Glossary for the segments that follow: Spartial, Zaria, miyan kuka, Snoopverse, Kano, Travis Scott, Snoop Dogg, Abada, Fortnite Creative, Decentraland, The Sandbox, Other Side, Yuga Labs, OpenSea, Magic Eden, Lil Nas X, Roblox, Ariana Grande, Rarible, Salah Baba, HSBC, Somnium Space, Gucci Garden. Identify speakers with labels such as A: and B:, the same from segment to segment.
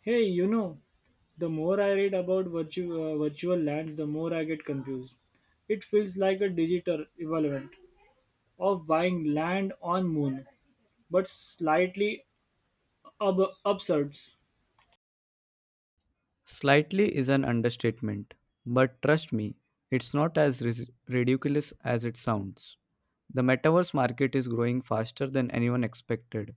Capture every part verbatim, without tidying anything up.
A: Hey, you know, the more I read about virtu- uh, virtual land, the more I get confused. It feels like a digital equivalent of buying land on moon, but slightly ab- absurd.
B: Slightly is an understatement, but trust me, it's not as ris- ridiculous as it sounds. The metaverse market is growing faster than anyone expected.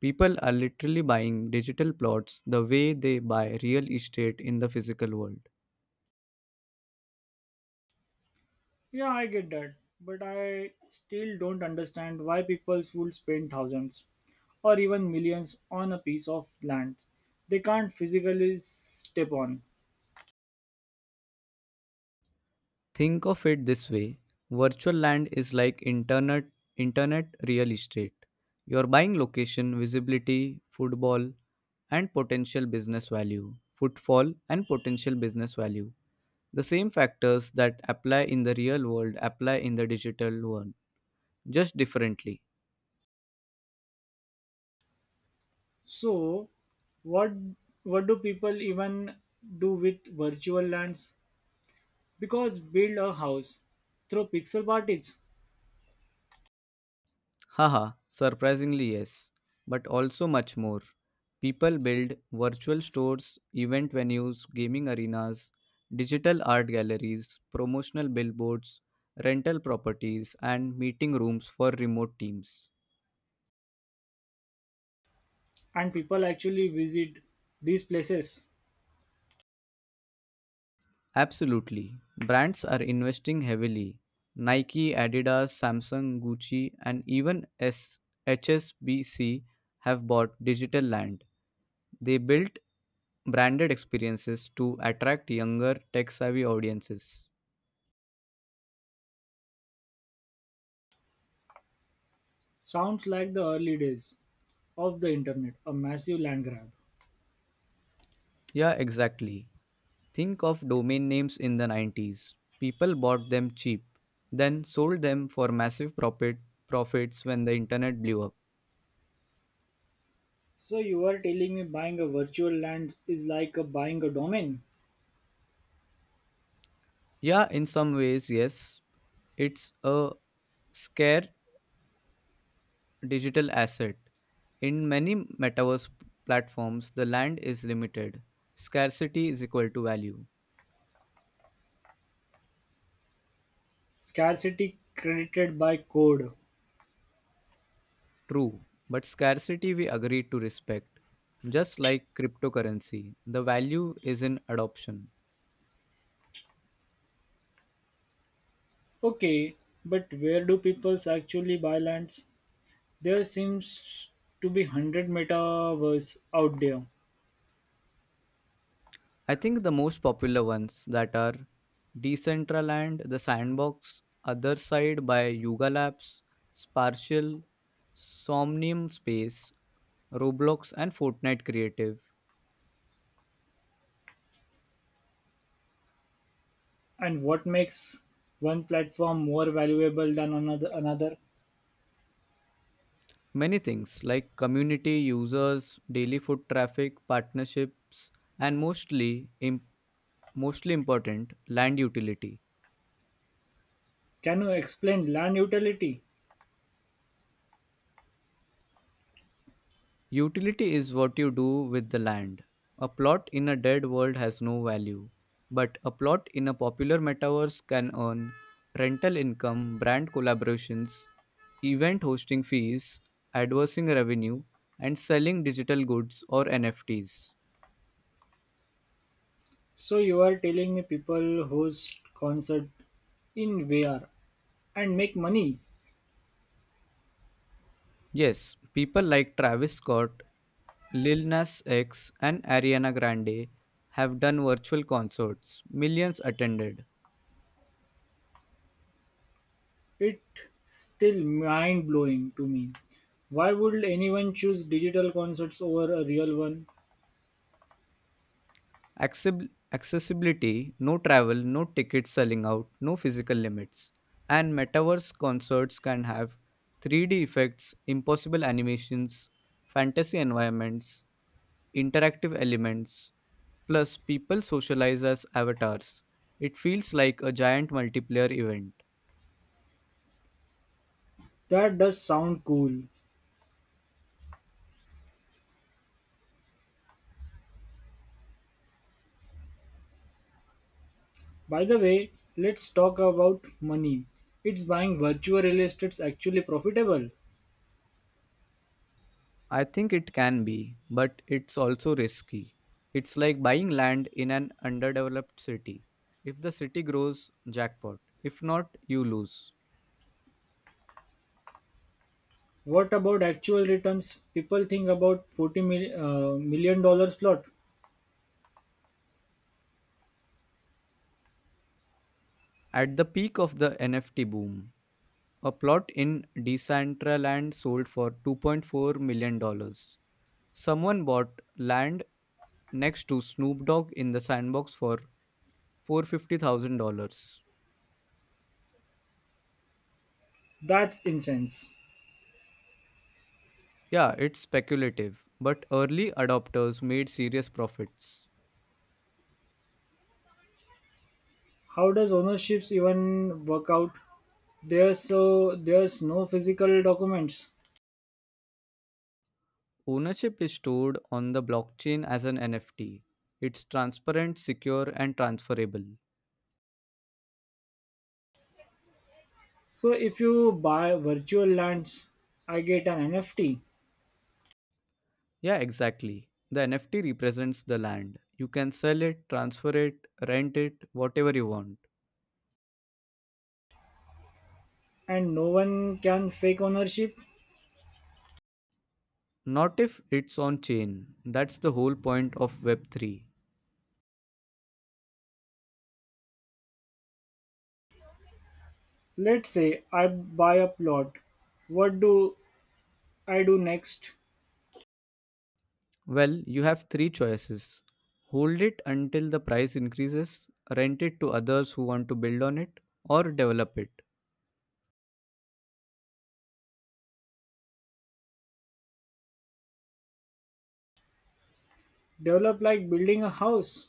B: People are literally buying digital plots the way they buy real estate in the physical world.
A: Yeah, I get that, but I still don't understand why people would spend thousands or even millions on a piece of land they can't physically step on.
B: Think of it this way, virtual land is like internet, internet real estate. You're buying location, visibility, football, and potential business value. Footfall and potential business value. The same factors that apply in the real world apply in the digital one, just differently.
A: So, what what do people even do with virtual lands? Because build a house through pixel parties
B: Haha, surprisingly, yes, but also much more. People build virtual stores, event venues, gaming arenas, digital art galleries, promotional billboards, rental properties, and meeting rooms for remote teams.
A: and people actually visit these places?
B: Absolutely. Brands are investing heavily. Nike, Adidas, Samsung, Gucci, and even S H S B C have bought digital land. They built branded experiences to attract younger tech savvy audiences.
A: Sounds like the early days of the internet, a massive land grab.
B: Yeah, exactly. Think of domain names in the nineties. People bought them cheap, then sold them for massive profit profits when the internet blew up.
A: So you are telling me buying a virtual land is like a buying a domain?
B: Yeah, in some ways, yes, it's a scare digital asset. In many metaverse platforms, the land is limited. Scarcity is equal to value.
A: Scarcity credited by code.
B: True, but scarcity we agree to respect. Just like cryptocurrency, the value is in adoption.
A: Okay, but where do people actually buy lands? There seems to be one hundred metaverse out there.
B: I think the most popular ones that are Decentraland, The Sandbox, Other Side by Yuga Labs, Spartial, Somnium Space, Roblox, and Fortnite Creative.
A: And what makes one platform more valuable than another another
B: Many things like community, users, daily foot traffic, partnerships, and mostly, im- mostly important land utility.
A: Can you explain land utility?
B: Utility is what you do with the land. A plot in a dead world has no value, but a plot in a popular metaverse can earn rental income, brand collaborations, event hosting fees, advertising revenue, and selling digital goods or N F Ts.
A: So you're telling me people host concert in V R and make money?
B: Yes, people like Travis Scott, Lil Nas X, and Ariana Grande have done virtual concerts, millions attended.
A: It's still mind blowing to me. Why would anyone choose digital concerts over a real one?
B: Accessib- accessibility, no travel, no tickets selling out, no physical limits. And metaverse concerts can have three D effects, impossible animations, fantasy environments, interactive elements, plus people socialize as avatars. It feels like a giant multiplayer event.
A: That does sound cool. By the way, let's talk about money. Is buying virtual real estate actually profitable?
B: I think it can be, but it's also risky. It's like buying land in an underdeveloped city. If the city grows, jackpot. If not, you lose.
A: What about actual returns? People think about forty mil- uh, million dollars plot.
B: At the peak of the N F T boom, a plot in Decentraland sold for two point four million dollars dollars. Someone bought land next to Snoop Dogg in the sandbox for four hundred fifty thousand dollars.
A: That's incense.
B: Yeah, it's speculative, but early adopters made serious profits.
A: How does ownerships even work out? There's so there's no physical documents.
B: Ownership is stored on the blockchain as an N F T. It's transparent, secure, and transferable.
A: So if you buy virtual lands, I get an N F T,
B: Yeah, exactly. The N F T represents the land. You can sell it, transfer it, rent it, whatever you want.
A: and no one can fake ownership.
B: Not if it's on chain. That's the whole point of web three.
A: Let's say I buy a plot. What do I do next?
B: Well, you have three choices: hold it until the price increases, rent it to others who want to build on it, or develop it.
A: Develop, like building a house.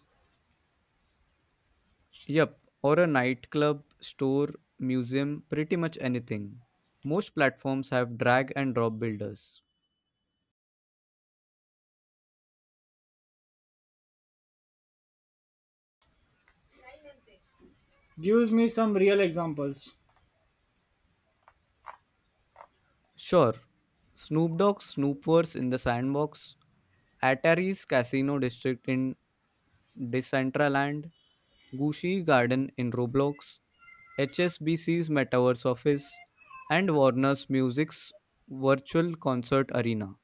B: Yep, or a nightclub, store, museum, pretty much anything. Most platforms have drag and drop builders.
A: Gives me some real examples.
B: Sure, Snoop Dogg's Snoopverse in the sandbox, Atari's Casino District in Decentraland, Gucci Garden in Roblox, H S B C's Metaverse Office, and Warner's Music's Virtual Concert Arena.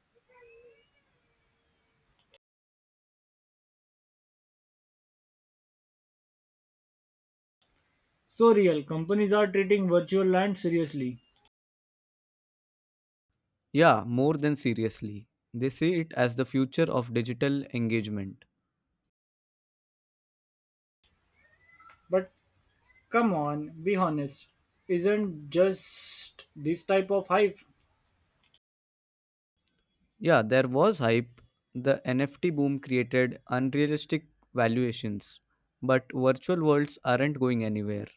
A: So real. Companies are treating virtual land seriously.
B: Yeah, more than seriously. They see it as the future of digital engagement.
A: But come on, be honest. Isn't just this type of hype?
B: Yeah, there was hype. The N F T boom created unrealistic valuations, but virtual worlds aren't going anywhere.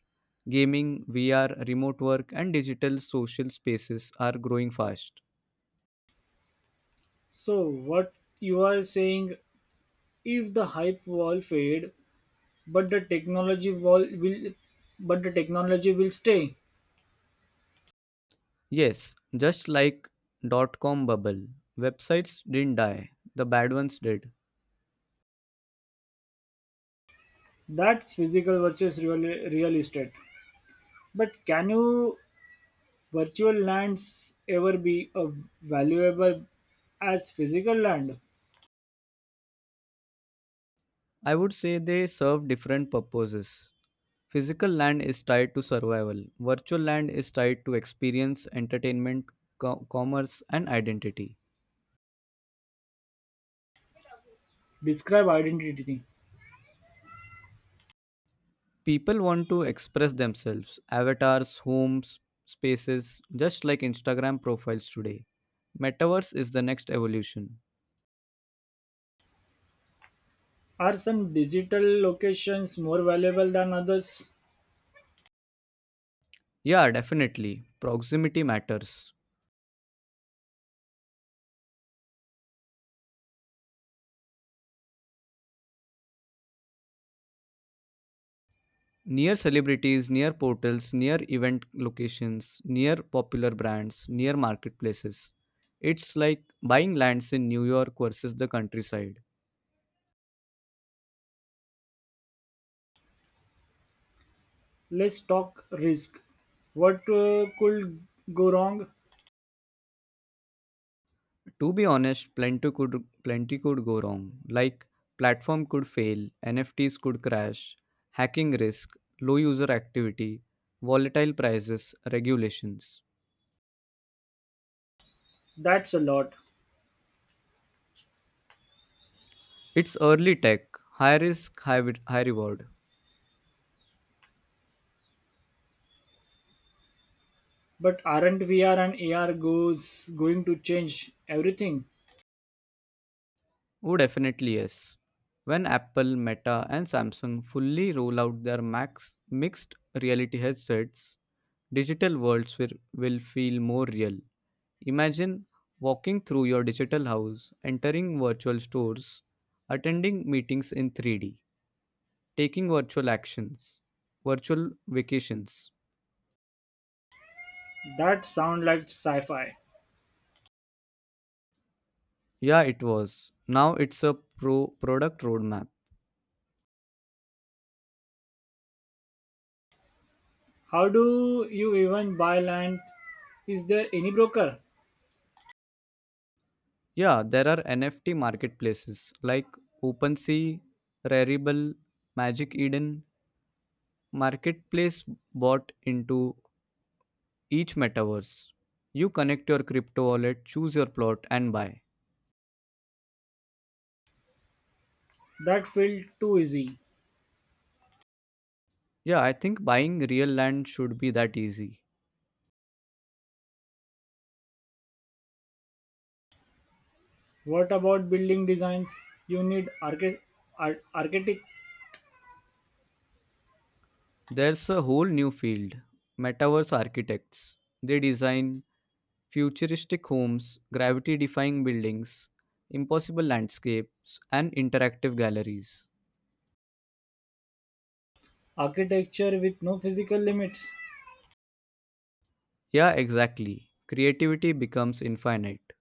B: Gaming, V R, remote work, and digital social spaces are growing fast.
A: So what you are saying, if the hype wall fade, but the technology wall will, but the technology will stay.
B: Yes, just like dot com bubble, websites didn't die, the bad ones did.
A: That's physical versus real real estate. But can you virtual lands ever be a valuable as physical land?
B: I would say they serve different purposes. Physical land is tied to survival, virtual land is tied to experience, entertainment, co- commerce, and identity.
A: Describe identity.
B: People want to express themselves, avatars, homes, spaces. Just like Instagram profiles today, metaverse is the next evolution.
A: Are some digital locations more valuable than others?
B: Yeah, definitely. Proximity matters. Near celebrities, near portals, near event locations, near popular brands, near marketplaces. It's like buying lands in New York versus the countryside.
A: Let's talk risk. What uh, could go wrong?
B: To be honest, plenty could plenty could go wrong. Like platform could fail, N F Ts could crash, hacking risk, low user activity, volatile prices, regulations.
A: That's a lot.
B: It's early tech, high risk, high, re- high reward.
A: But aren't V R and A R goes going to change everything?
B: Oh, definitely yes. When Apple, Meta, and Samsung fully roll out their max mixed reality headsets, digital worlds will, will feel more real. Imagine walking through your digital house, entering virtual stores, attending meetings in three D, taking virtual actions, virtual vacations.
A: That sound like sci-fi.
B: Yeah, it was. Now it's a pro product roadmap.
A: How do you even buy land? Is there any broker?
B: Yeah, there are N F T marketplaces like OpenSea, Rarible, Magic Eden, marketplace bought into each metaverse. You connect your crypto wallet, choose your plot, and buy.
A: That felt too easy.
B: Yeah, I think buying real land should be that easy.
A: What about building designs? You need archi- ar- architect?
B: There's a whole new field, metaverse architects. They design futuristic homes, gravity defying buildings, impossible landscapes, and interactive galleries.
A: Architecture with no physical limits.
B: Yeah, exactly. Creativity becomes infinite.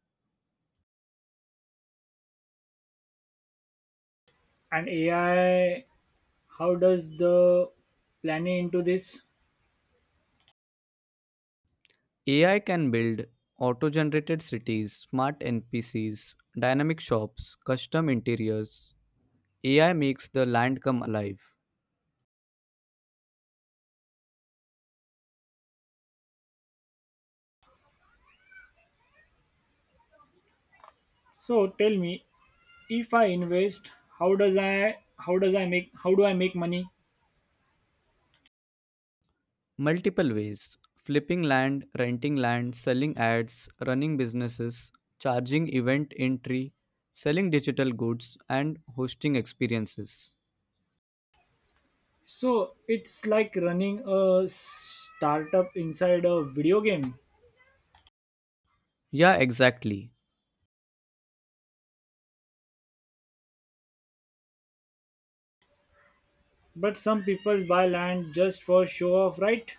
A: And A I, how does the planning into this?
B: A I can build auto generated cities, smart N P Cs, dynamic shops, custom interiors. A I makes the land come alive.
A: So tell me, if I invest, how does I how does I make how do I make money?
B: Multiple ways: flipping land, renting land, selling ads, running businesses, charging event entry, selling digital goods, and hosting experiences.
A: So it's like running a startup inside a video game.
B: Yeah, exactly.
A: But some people buy land just for show off, right?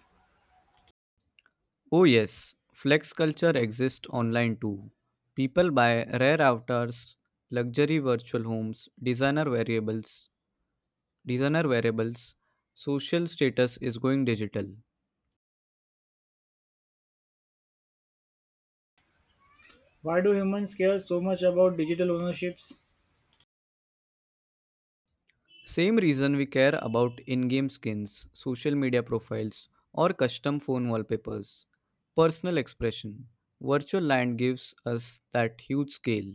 B: Oh, yes, flex culture exists online too. People buy rare avatars, luxury virtual homes, designer variables, designer variables. Social status is going digital.
A: Why do humans care so much about digital ownerships?
B: Same reason we care about in-game skins, social media profiles, or custom phone wallpapers. Personal expression. Virtual land gives us that huge scale.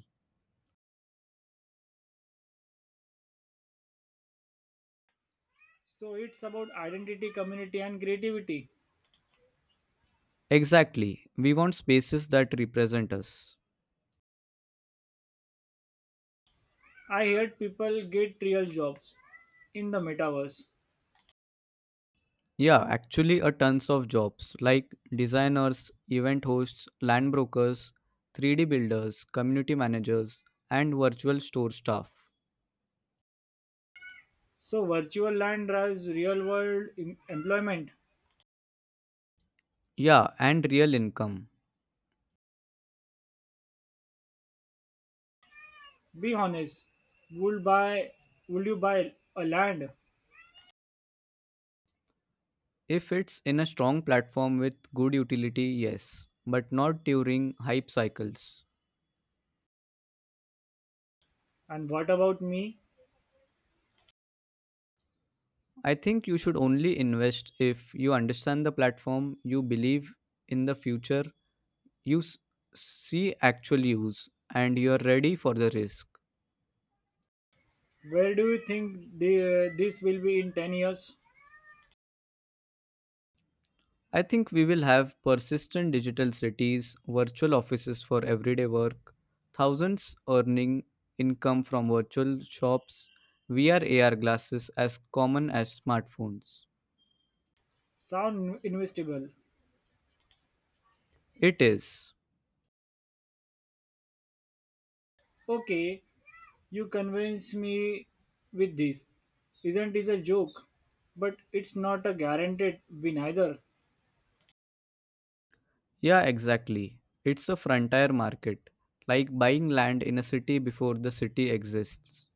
A: So it's about identity, community, and creativity.
B: Exactly. We want spaces that represent us.
A: I heard people get real jobs in the metaverse.
B: Yeah, actually, a tons of jobs like designers, event hosts, land brokers, three D builders, community managers, and virtual store staff.
A: So virtual land drives real world em- employment.
B: Yeah, and real income.
A: Be honest. Would buy would you buy a land?
B: If it's in a strong platform with good utility, yes, but not during hype cycles.
A: And what about me?
B: I think you should only invest if you understand the platform, you believe in the future, you s- see actual use, and you're ready for the risk.
A: Where do you think the, uh, this will be in ten years?
B: I think we will have persistent digital cities, virtual offices for everyday work, thousands earning income from virtual shops, V R A R glasses as common as smartphones.
A: Sound investable.
B: It is.
A: Okay, you convince me with this. Isn't it a joke? But it's not a guaranteed win either.
B: Yeah, exactly. It's a frontier market, like buying land in a city before the city exists.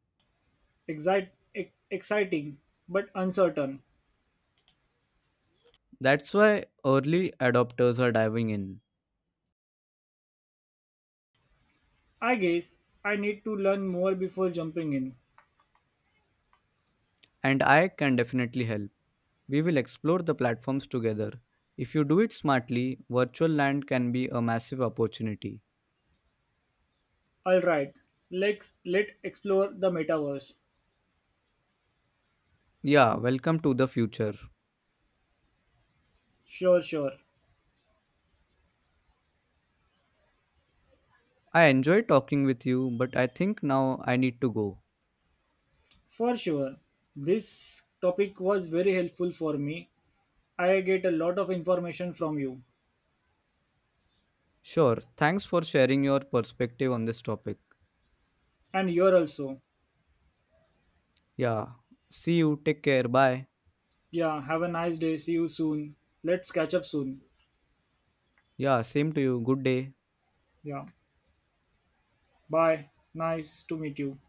A: Excite, ex- exciting, but uncertain.
B: That's why early adopters are diving in,
A: I guess I need to learn more before jumping in.
B: and I can definitely help. We will explore the platforms together. If you do it smartly, virtual land can be a massive opportunity.
A: Alright, let's let explore the metaverse.
B: Yeah, welcome to the future.
A: Sure, sure.
B: I enjoyed talking with you, but I think now I need to go.
A: For sure. This topic was very helpful for me. I get a lot of information from you.
B: Sure, thanks for sharing your perspective on this topic.
A: And you're also.
B: Yeah, see you, take care, bye.
A: Yeah, have a nice day. See you soon. Let's catch up soon.
B: Yeah, same to you, good day.
A: Yeah. Bye. Nice to meet you.